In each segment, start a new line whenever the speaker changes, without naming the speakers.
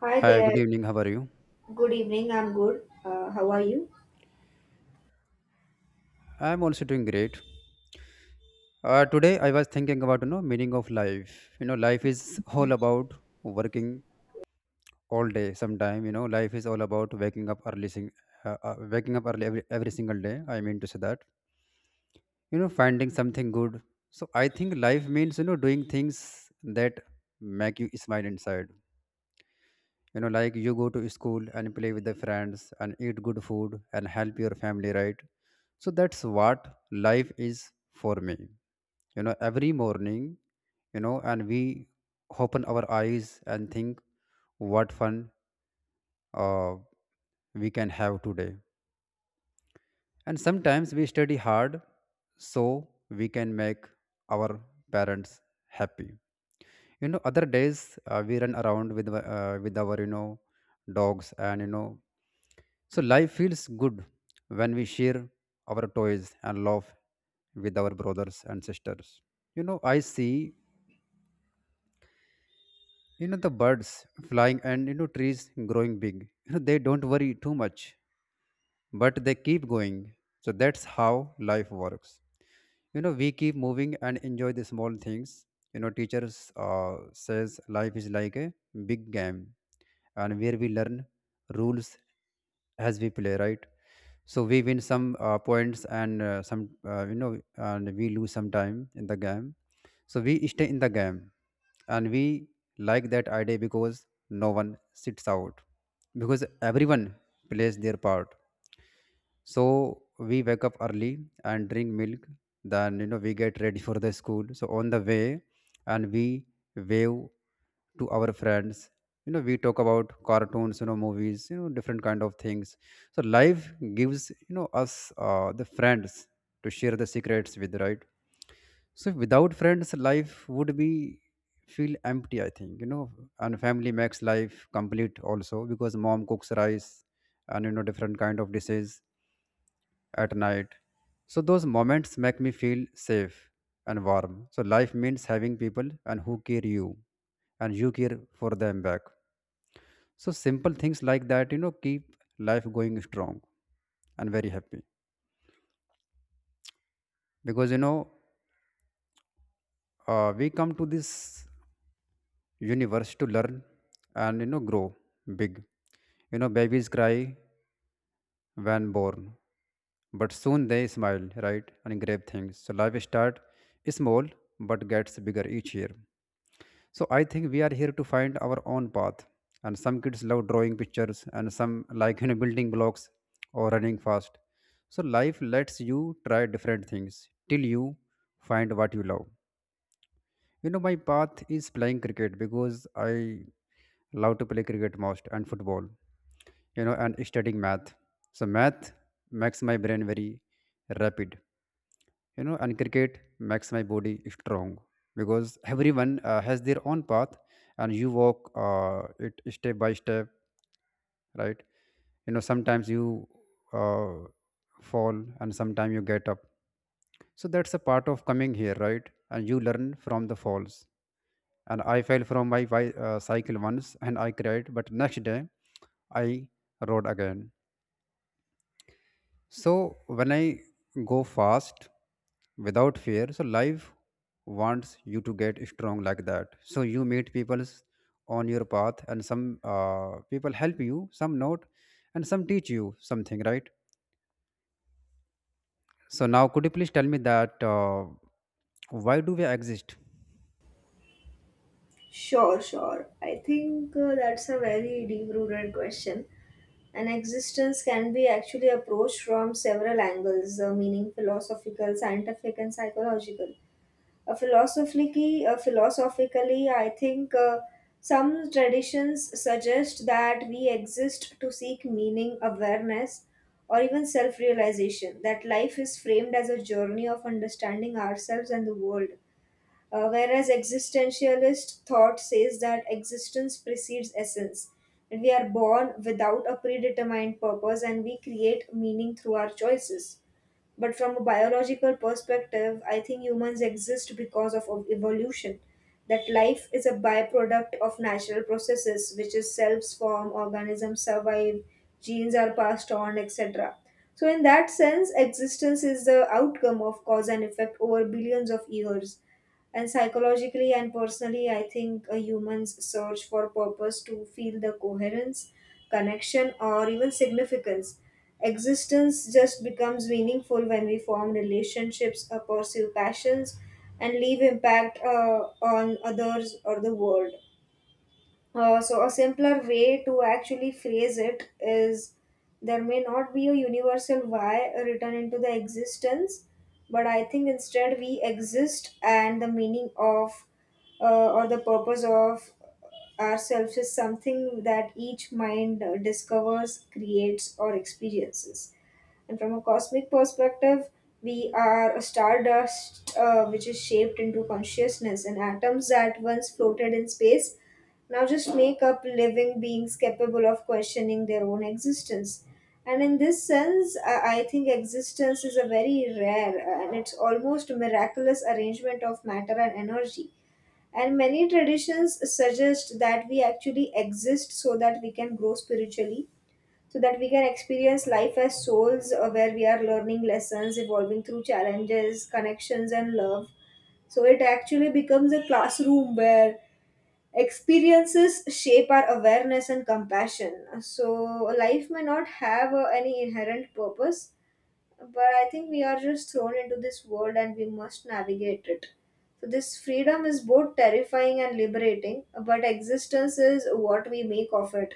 Hi
Hi,
there.
good evening. How are you?
Good evening. I'm good. How are you?
I'm also doing great. Today I was thinking about meaning of life. Life is all about working all day. Sometime life is all about waking up early, sing, waking up early every single day. I mean to say that finding something good. So I think life means doing things that make you smile inside. Like you go to school and play with the friends and eat good food and help your family, right? So that's what life is for me, every morning, and we open our eyes and think what fun uh, we can have today. And sometimes we study hard so we can make our parents happy. You know, other days we run around with our dogs, and so life feels good when we share our toys and love with our brothers and sisters. I see the birds flying and trees growing big. They don't worry too much, but they keep going. So that's how life works. We keep moving and enjoy the small things. Teachers says life is like a big game, and where we learn rules as we play, right? So we win some points and some you know and we lose some time in the game, so we stay in the game, and we like that idea because no one sits out, because everyone plays their part. So we wake up early and drink milk. Then we get ready for the school. So on the way, and we wave to our friends. We talk about cartoons, movies, different kind of things. So life gives us the friends to share the secrets with, right? So without friends, life would be feel empty, I think. And family makes life complete also, because mom cooks rice and different kind of dishes at night. So those moments make me feel safe and warm. So life means having people and who care you, and you care for them back. So simple things like that, keep life going strong and very happy. Because we come to this universe to learn and grow big. Babies cry when born, but soon they smile, right, and grab things. So life start small but gets bigger each year. So I think we are here to find our own path. And some kids love drawing pictures, and some like building blocks or running fast. So life lets you try different things till you find what you love. My path is playing cricket, because I love to play cricket most, and football. And studying math. So math makes my brain very rapid, and cricket makes my body strong, because everyone has their own path, and you walk it step by step, right? Sometimes you uh, fall, and sometimes you get up. So that's a part of coming here, right? And you learn from the falls. And I fell from my cycle once, and I cried, but next day I rode again. So when I go fast without fear, so life wants you to get strong like that. So you meet people on your path, and some people help you, some not, and some teach you something, right? So now, could you please tell me that, why do we exist?
Sure, sure. I think that's a very deep-rooted question. An existence can be actually approached from several angles, meaning philosophical, scientific, and psychological. Philosophically, I think some traditions suggest that we exist to seek meaning, awareness, or even self realization, that life is framed as a journey of understanding ourselves and the world. Whereas existentialist thought says that existence precedes essence, and we are born without a predetermined purpose and we create meaning through our choices. But from a biological perspective, I think humans exist because of evolution. That life is a byproduct of natural processes, which is cells form, organisms survive, genes are passed on, etc. So, in that sense, existence is the outcome of cause and effect over billions of years. And psychologically and personally, I think a human's search for purpose to feel the coherence, connection, or even significance. Existence just becomes meaningful when we form relationships, pursue passions, and leave impact on others or the world. So a simpler way to actually phrase it is there may not be a universal why written into the existence, but I think instead we exist and the meaning of or the purpose of ourselves is something that each mind discovers, creates, or experiences. And from a cosmic perspective, we are a stardust which is shaped into consciousness, and atoms that once floated in space now just make up living beings capable of questioning their own existence. And in this sense, I think existence is a very rare and it's almost miraculous arrangement of matter and energy. And many traditions suggest that we actually exist so that we can grow spiritually, so that we can experience life as souls where we are learning lessons, evolving through challenges, connections, and love. So it actually becomes a classroom where experiences shape our awareness and compassion. So life may not have any inherent purpose, but I think we are just thrown into this world and we must navigate it. So, this freedom is both terrifying and liberating, but existence is what we make of it.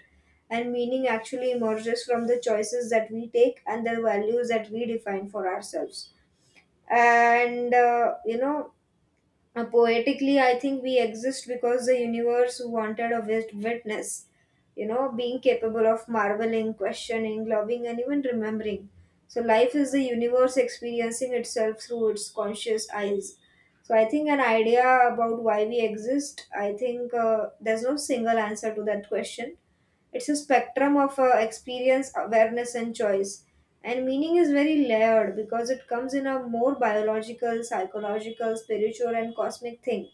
And meaning actually emerges from the choices that we take and the values that we define for ourselves. And, uh, you know, Poetically, I think we exist because the universe wanted a witness, you know, being capable of marveling, questioning, loving, and even remembering. So, life is the universe experiencing itself through its conscious eyes. So, I think an idea about why we exist, I think there's no single answer to that question. It's a spectrum of experience, awareness, and choice. And meaning is very layered because it comes in a more biological, psychological, spiritual, and cosmic thing.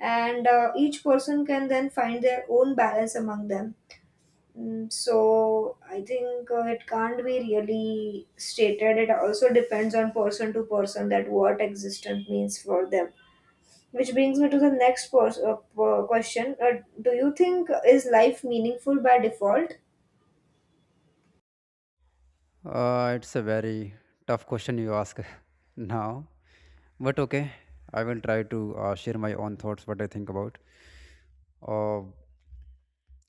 And each person can then find their own balance among them. Mm. So I think it can't be really stated. It also depends on person to person that what existence means for them. Which brings me to the next question. Do you think is life meaningful by default?
It's a very tough question you ask now, but okay, I will try to share my own thoughts, what I think about. Uh,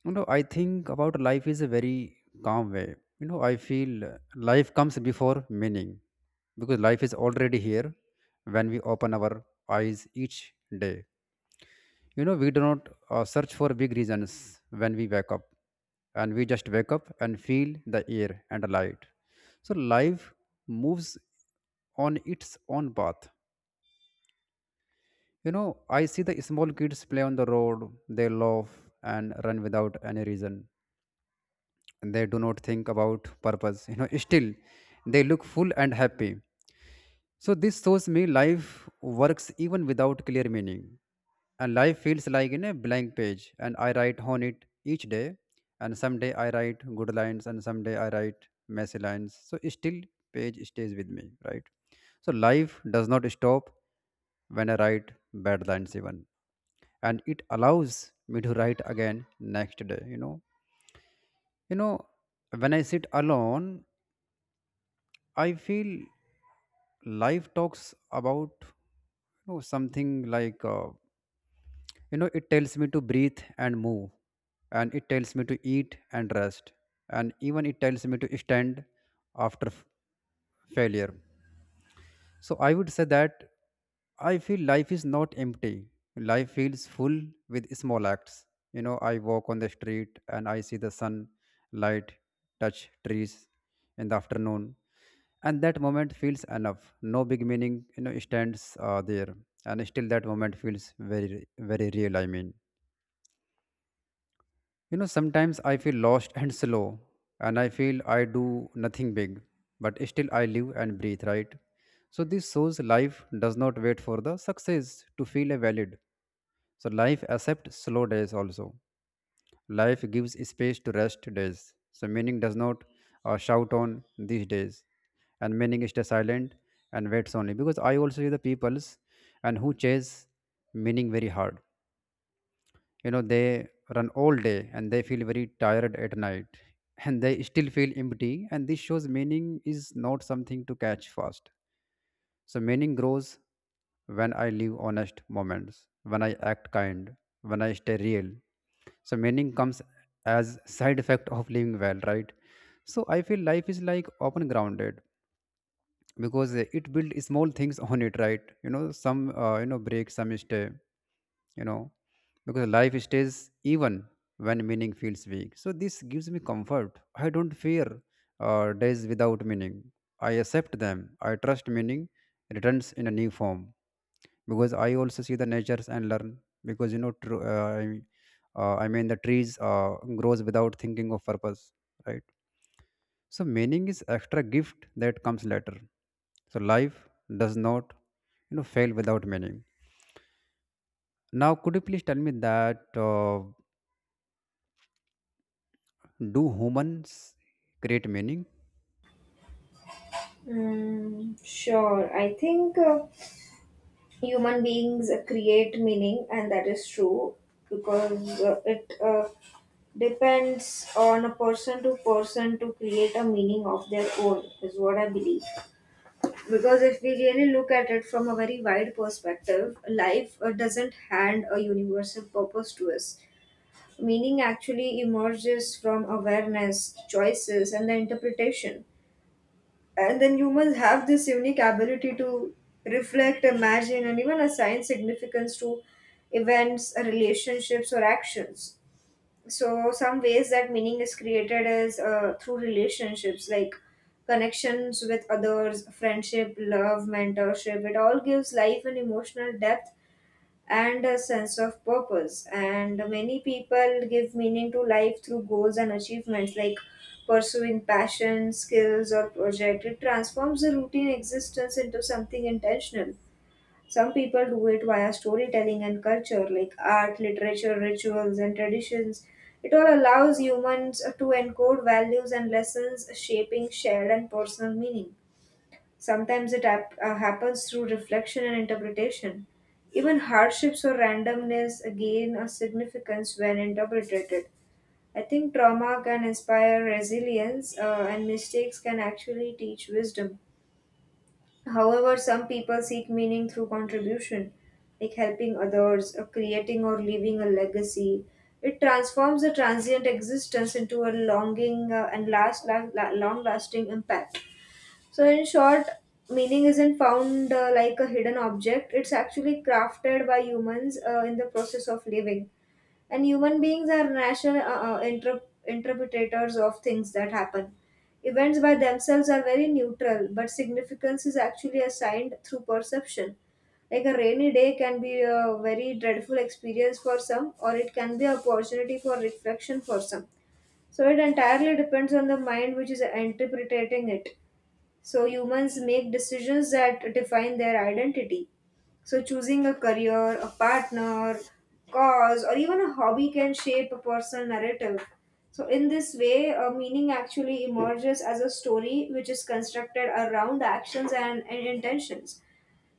I think about life is a very calm way. I feel life comes before meaning, because life is already here when we open our eyes each day. We do not search for big reasons when we wake up, and we just wake up and feel the air and the light. So life moves on its own path. I see the small kids play on the road, they laugh and run without any reason. They do not think about purpose, still they look full and happy. So this shows me life works even without clear meaning. And life feels like in a blank page, and I write on it each day. And someday I write good lines, and someday I write messy lines, so still page stays with me, right? So life does not stop when I write bad lines even, and it allows me to write again next day. You know, when I sit alone, I feel life talks about, something like, it tells me to breathe and move, and it tells me to eat and rest, and even it tells me to stand after failure. So I would say that I feel life is not empty. Life feels full with small acts. I walk on the street and I see the sun light touch trees in the afternoon. And that moment feels enough. No big meaning, stands there. And still that moment feels very, very real, I mean. Sometimes I feel lost and slow, and I feel I do nothing big, but still I live and breathe, right? So this shows life does not wait for the success to feel a valid. So life accepts slow days also. Life gives space to rest days. So meaning does not shout on these days, and meaning is silent and waits only. Because I also see the peoples and who chase meaning very hard. They run all day and they feel very tired at night, and they still feel empty. And this shows meaning is not something to catch fast. So meaning grows when I live honest moments, when I act kind, when I stay real. So meaning comes as side effect of living well, right? So I feel life is like open grounded, because it build small things on it, right? Some break, some stay. you know because life stays even when meaning feels weak. So this gives me comfort. I don't fear days without meaning. I accept them. I trust meaning returns in a new form. Because I also see the natures and learn, because I mean the trees grows without thinking of purpose, right? So meaning is extra gift that comes later. So life does not fail without meaning. Now could you please tell me that, do humans create meaning?
Mm, sure. I think human beings create meaning, and that is true because it depends on a person to person to create a meaning of their own, is what I believe. Because if we really look at it from a very wide perspective, life doesn't hand a universal purpose to us. Meaning actually emerges from awareness, choices, and the interpretation. And then humans have this unique ability to reflect, imagine, and even assign significance to events, relationships, or actions. So, some ways that meaning is created is through relationships, like connections with others, friendship, love, mentorship. It all gives life an emotional depth and a sense of purpose. And many people give meaning to life through goals and achievements like pursuing passion, skills, or project. It transforms the routine existence into something intentional. Some people do it via storytelling and culture, like art, literature, rituals, and traditions. It all allows humans to encode values and lessons, shaping shared and personal meaning. Sometimes it happens through reflection and interpretation. Even hardships or randomness gain a significance when interpreted. I think trauma can inspire resilience, and mistakes can actually teach wisdom. However, some people seek meaning through contribution, like helping others, or creating or leaving a legacy. It transforms a transient existence into a longing and long-lasting impact. So, in short, meaning isn't found like a hidden object, it's actually crafted by humans in the process of living. And human beings are natural interpreters of things that happen. Events by themselves are very neutral, but significance is actually assigned through perception. Like a rainy day can be a very dreadful experience for some, or it can be an opportunity for reflection for some. So it entirely depends on the mind which is interpreting it. So humans make decisions that define their identity. So choosing a career, a partner, cause, or even a hobby can shape a personal narrative. So in this way, a meaning actually emerges as a story which is constructed around actions and intentions.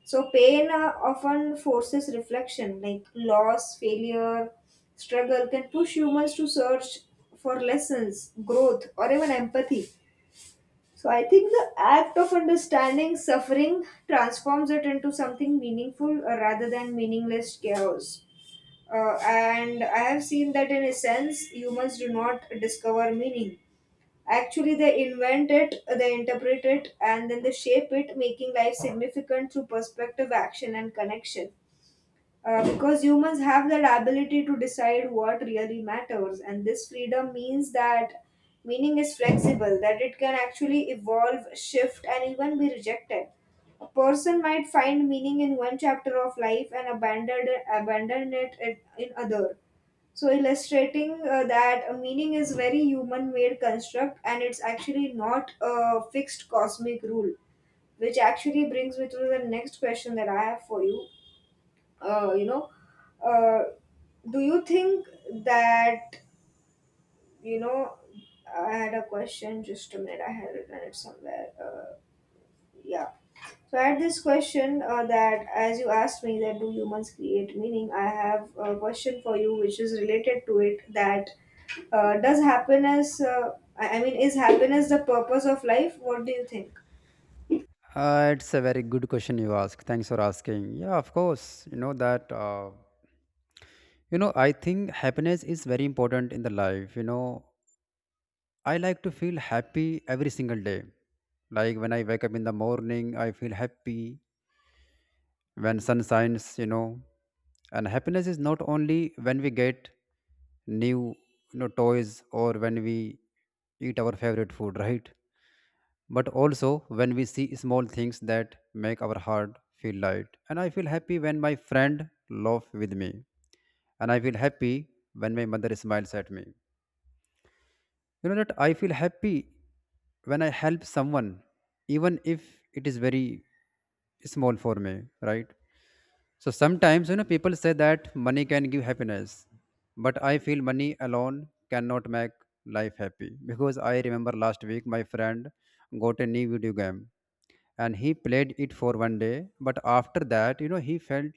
So pain often forces reflection, like loss, failure, struggle can push humans to search for lessons, growth, or even empathy. So I think the act of understanding suffering transforms it into something meaningful rather than meaningless chaos. And I have seen that in a sense, humans do not discover meaning. Actually, they invent it, they interpret it, and then they shape it, making life significant through perspective, action, and connection. Because humans have that ability to decide what really matters, and this freedom means that meaning is flexible, that it can actually evolve, shift, and even be rejected. A person might find meaning in one chapter of life and abandon it, in other. So, illustrating that a meaning is very human-made construct, and it's actually not a fixed cosmic rule, which actually brings me to the next question that I have for you. You know uh, do you think that, you know I had a question, just a minute, I had written it somewhere. Yeah. So I had this question that as you asked me that do humans create meaning, I have a question for you which is related to it, that does happiness I mean, is happiness the purpose of life? What do you think?
It's a very good question you ask. Thanks for asking. Yeah, of course. You know that. I think happiness is very important in the life. I like to feel happy every single day. Like when I wake up in the morning, I feel happy. When sun shines, and happiness is not only when we get new toys, or when we eat our favorite food, right? But also when we see small things that make our heart feel light. And I feel happy when my friend laugh with me, and I feel happy when my mother smiles at me, that I feel happy when I help someone, even if it is very small for me, right? So sometimes people say that money can give happiness, but I feel money alone cannot make life happy, because I remember last week my friend got a new video game and he played it for one day, but after that he felt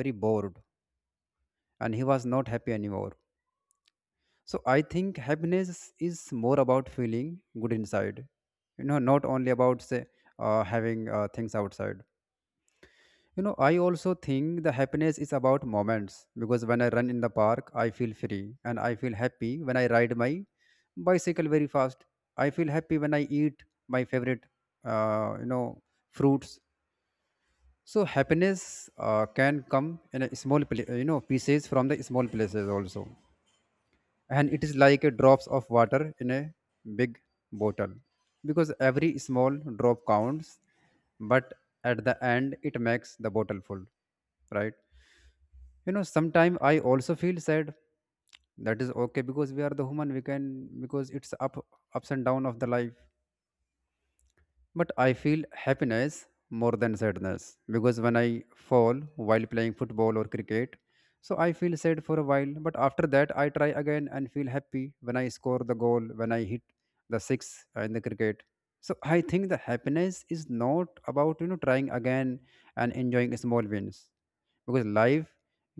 very bored and he was not happy anymore. So I think happiness is more about feeling good inside, not only about say having things outside. I also think the happiness is about moments, because when I run in the park I feel free, and I feel happy when I ride my bicycle very fast. I feel happy when I eat my favorite uh, you know fruits. So happiness can come in a small, pieces from the small places also, and it is like a drops of water in a big bottle, because every small drop counts, but at the end it makes the bottle full, right? Sometimes I also feel sad. That is okay because we are the human. We can, because it's up ups and down of the life. But I feel happiness more than sadness because when I fall while playing football or cricket, so I feel sad for a while, but after that I try again and feel happy when I score the goal, when I hit the six in the cricket. So I think the happiness is not about trying again and enjoying small wins because life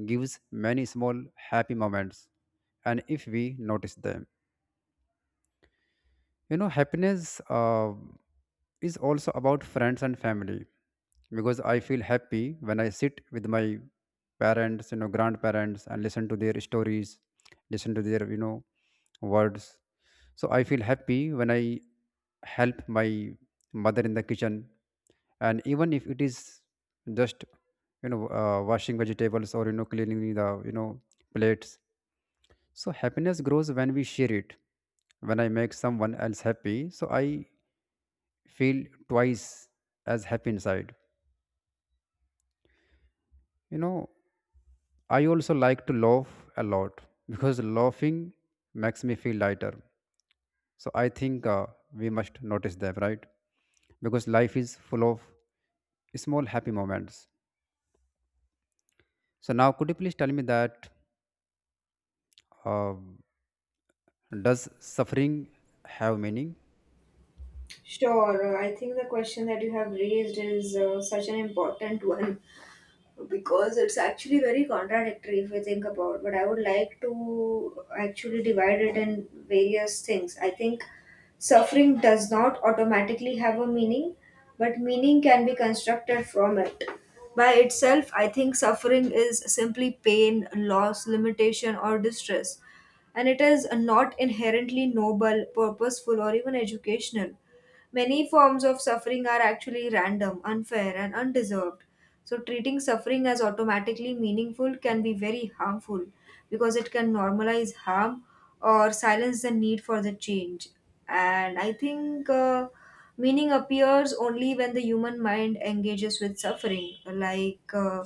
gives many small happy moments and if we notice them, happiness is also about friends and family because I feel happy when I sit with my parents, you know, grandparents and listen to their stories, listen to their, you know, words. So I feel happy when I help my mother in the kitchen, and even if it is just washing vegetables or cleaning the plates. So happiness grows when we share it. When I make someone else happy, so I feel twice as happy inside. You know, I also like to laugh a lot because laughing makes me feel lighter. So I think we must notice them, right? Because life is full of small happy moments. So now, could you please tell me that, uh, does suffering have meaning?
Sure. I think the question that you have raised is such an important one, because it's actually very contradictory if we think about, but I would like to actually divide it in various things. I think suffering does not automatically have a meaning, but meaning can be constructed from it. By itself, I think suffering is simply pain, loss, limitation, or distress, and it is not inherently noble, purposeful, or even educational. Many forms of suffering are actually random, unfair, and undeserved. So, treating suffering as automatically meaningful can be very harmful because it can normalize harm or silence the need for the change. And I think meaning appears only when the human mind engages with suffering, like. Uh,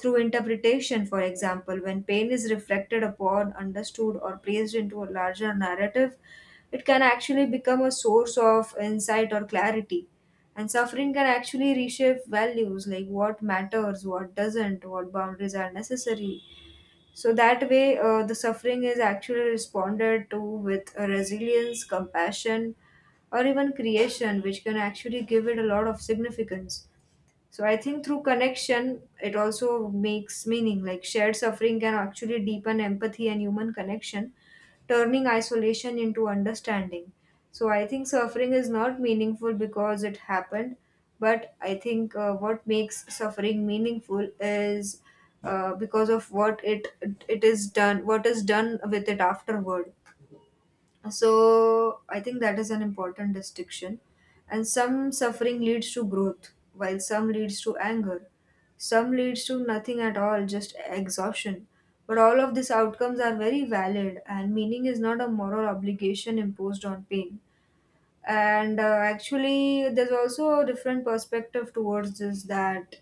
through interpretation, for example, when pain is reflected upon, understood, or placed into a larger narrative, it can actually become a source of insight or clarity. And suffering can actually reshape values like what matters, what doesn't, what boundaries are necessary. So that way, the suffering is actually responded to with a resilience, compassion, or even creation, which can actually give it a lot of significance. So I think through connection, it also makes meaning. Like shared suffering can actually deepen empathy and human connection, turning isolation into understanding. So I think suffering is not meaningful because it happened, but I think what makes suffering meaningful is because of what it is done, what is done with it afterward. So I think that is an important distinction. And some suffering leads to growth, while some leads to anger. Some leads to nothing at all, just exhaustion. But all of these outcomes are very valid, and meaning is not a moral obligation imposed on pain. And actually, there's also a different perspective towards this, that,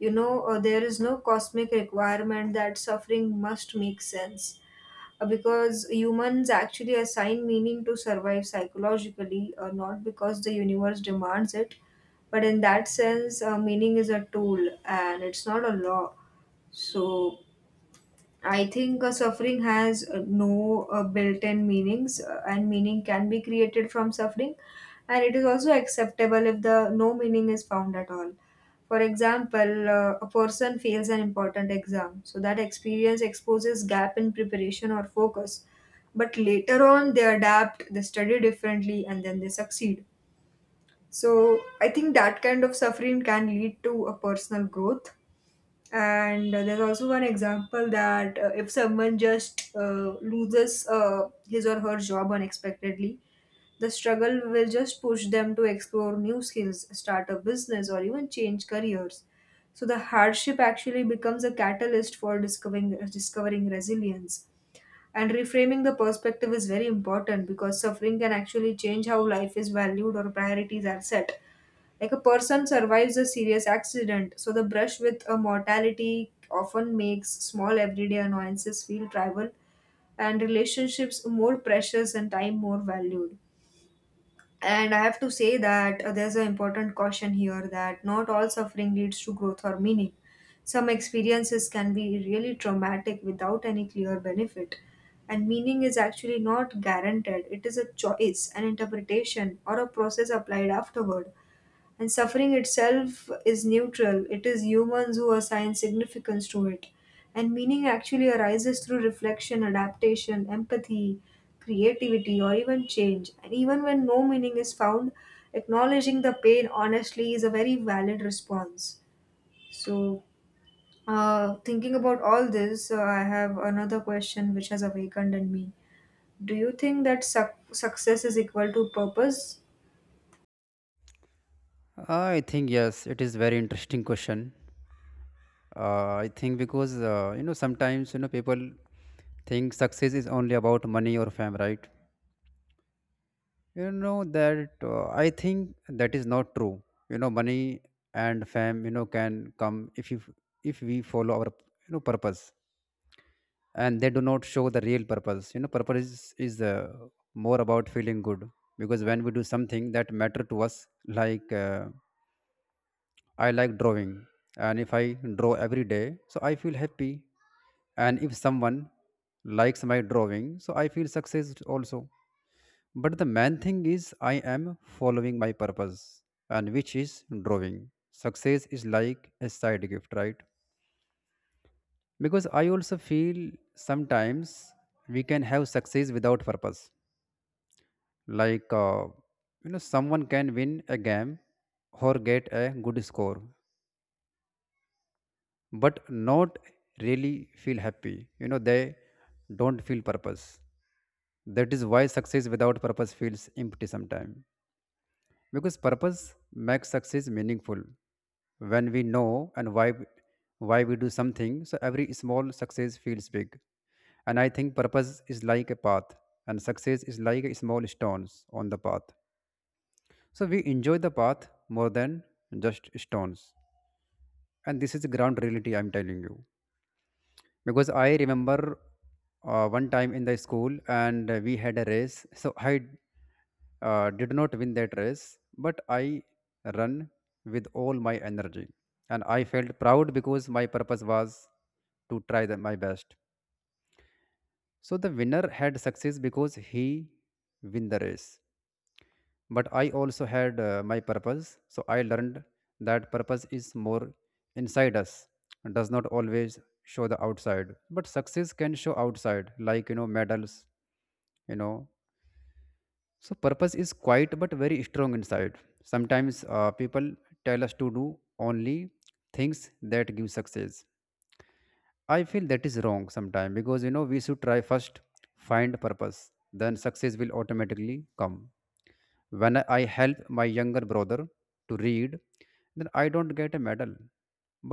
there is no cosmic requirement that suffering must make sense because humans actually assign meaning to survive psychologically, not because the universe demands it. But in that sense, meaning is a tool and it's not a law. So I think suffering has no built in meanings, and meaning can be created from suffering, and it is also acceptable if the no meaning is found at all. For example, a person fails an important exam, so that experience exposes gap in preparation or focus. But later on, they adapt, they study differently, and then they succeed. So I think that kind of suffering can lead to a personal growth and there's also one example that if someone just loses his or her job unexpectedly, the struggle will just push them to explore new skills, start a business, or even change careers. So the hardship actually becomes a catalyst for discovering resilience. And reframing the perspective is very important, because suffering can actually change how life is valued or priorities are set. Like, a person survives a serious accident, so the brush with a mortality often makes small everyday annoyances feel trivial and relationships more precious and time more valued. And I have to say that there's an important caution here that not all suffering leads to growth or meaning. Some experiences can be really traumatic without any clear benefit. And meaning is actually not guaranteed, it is a choice, an interpretation, or a process applied afterward. And suffering itself is neutral, it is humans who assign significance to it. And meaning actually arises through reflection, adaptation, empathy, creativity, or even change. And even when no meaning is found, acknowledging the pain honestly is a very valid response. So, thinking about all this, I have another question which has awakened in me. Do you think that success is equal to purpose?
I think yes, it is very interesting question. I think because, sometimes people think success is only about money or fame, right? You know that I think that is not true. You know, money and fame, you know, can come if you if we follow our purpose, and they do not show the real purpose. You know, purpose is more about feeling good because when we do something that matter to us, like, I like drawing, and if I draw every day, so I feel happy, and if someone likes my drawing, so I feel success also. But the main thing is, I am following my purpose, and which is drawing. Success is like a side gift, right? Because I also feel sometimes we can have success without purpose. Like, someone can win a game or get a good score, but not really feel happy. You know, they don't feel purpose. That is why success without purpose feels empty sometimes, because purpose makes success meaningful. When we know and why we do something, so every small success feels big. And I think purpose is like a path, and success is like a small stones on the path, so we enjoy the path more than just stones. And this is the ground reality I'm telling you, because I remember, one time in the school, and we had a race, so I did not win that race, but I ran with all my energy. And I felt proud because my purpose was to try the, my best. So the winner had success because he win the race. But I also had my purpose. So I learned that purpose is more inside us and does not always show the outside. But success can show outside, like, you know, medals, you know. So purpose is quiet but very strong inside. Sometimes people tell us to do only things that give success. I feel that is wrong sometimes, because we should try first, find purpose, then success will automatically come. When I help my younger brother to read, then I don't get a medal,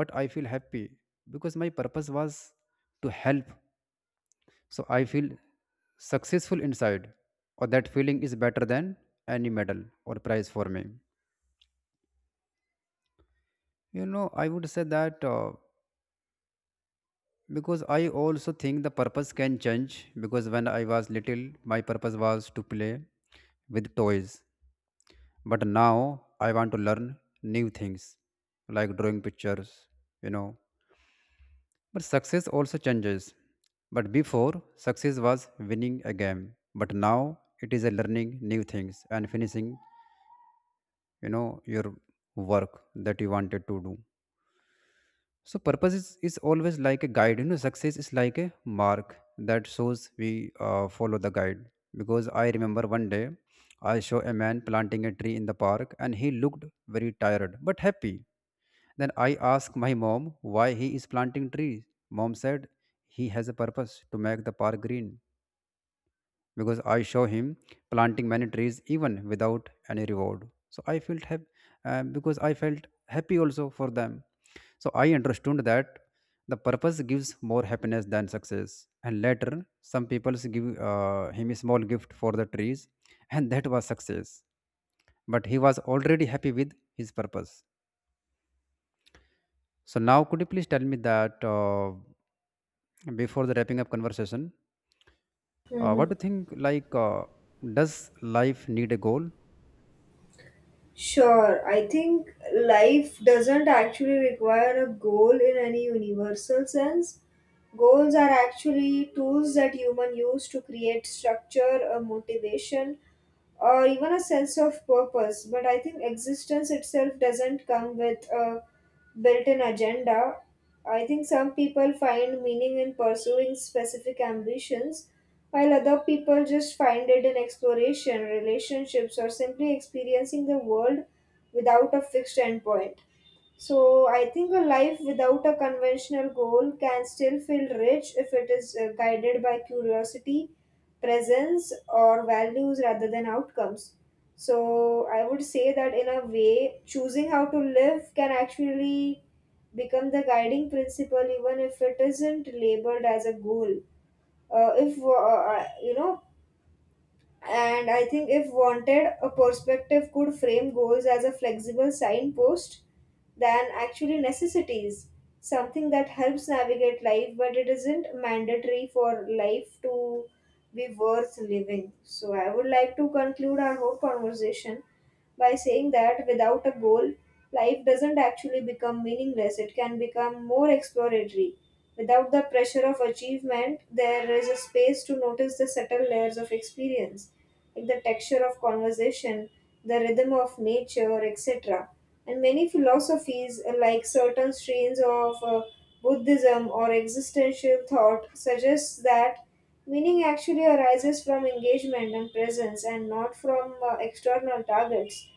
but I feel happy because my purpose was to help, so I feel successful inside, or that feeling is better than any medal or prize for me. You know, I would say that, because I also think the purpose can change. Because when I was little, my purpose was to play with toys, but now I want to learn new things, like drawing pictures, you know. But success also changes. But before, success was winning a game, but now it is a learning new things and finishing, you know your work that you wanted to do. So purpose is always like a guide, you know. Success is like a mark that shows we follow the guide, because I remember one day I saw a man planting a tree in the park, and he looked very tired but happy. Then I asked my mom why he is planting trees. Mom said he has a purpose to make the park green, because I show him planting many trees even without any reward. So I felt happy, because I felt happy also for them. So I understood that the purpose gives more happiness than success. And later, some people give him a small gift for the trees, and that was success. But he was already happy with his purpose. So now, could you please tell me that, before the wrapping up conversation,
Mhm.
what do you think? Like, does life need a goal?
Sure, I think life doesn't actually require a goal in any universal sense. Goals are actually tools that human use to create structure, a motivation, or even a sense of purpose. But I think existence itself doesn't come with a built in agenda. I think some people find meaning in pursuing specific ambitions, while other people just find it in exploration, relationships, or simply experiencing the world without a fixed endpoint. So I think a life without a conventional goal can still feel rich if it is guided by curiosity, presence, or values rather than outcomes. So I would say that in a way, choosing how to live can actually become the guiding principle, even if it isn't labeled as a goal. If you know And I think if wanted, a perspective could frame goals as a flexible signpost than actually necessities, something that helps navigate life, but it isn't mandatory for life to be worth living. So I would like to conclude our whole conversation by saying that without a goal, life doesn't actually become meaningless, it can become more exploratory. Without the pressure of achievement, there is a space to notice the subtle layers of experience, like the texture of conversation, the rhythm of nature, etc. And many philosophies, like certain strains of Buddhism or existential thought, suggest that meaning actually arises from engagement and presence and not from external targets.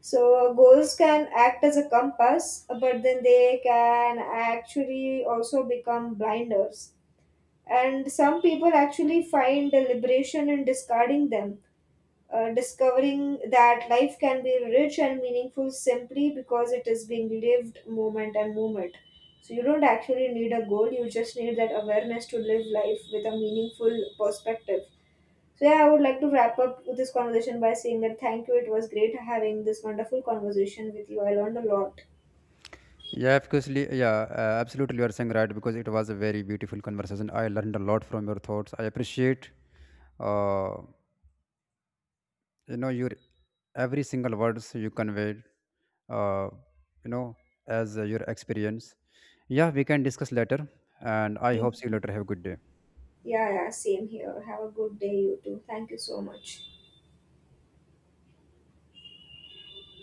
So, goals can act as a compass, but then they can actually also become blinders. And some people actually find a liberation in discarding them, discovering that life can be rich and meaningful simply because it is being lived moment and moment. So you don't actually need a goal, you just need that awareness to live life with a meaningful perspective. So yeah, I would like to wrap up with this conversation by saying that thank you. It was great having this wonderful conversation with you. I learned a lot.
Yeah, absolutely. Yeah, absolutely. You are saying right because it was a very beautiful conversation. I learned a lot from your thoughts. I appreciate, uh, your every single words you conveyed, uh, you know, as your experience. Yeah, we can discuss later, and I hope see you later. Have a good day.
Yeah, yeah, same here. Have a good day, you too. Thank you so much.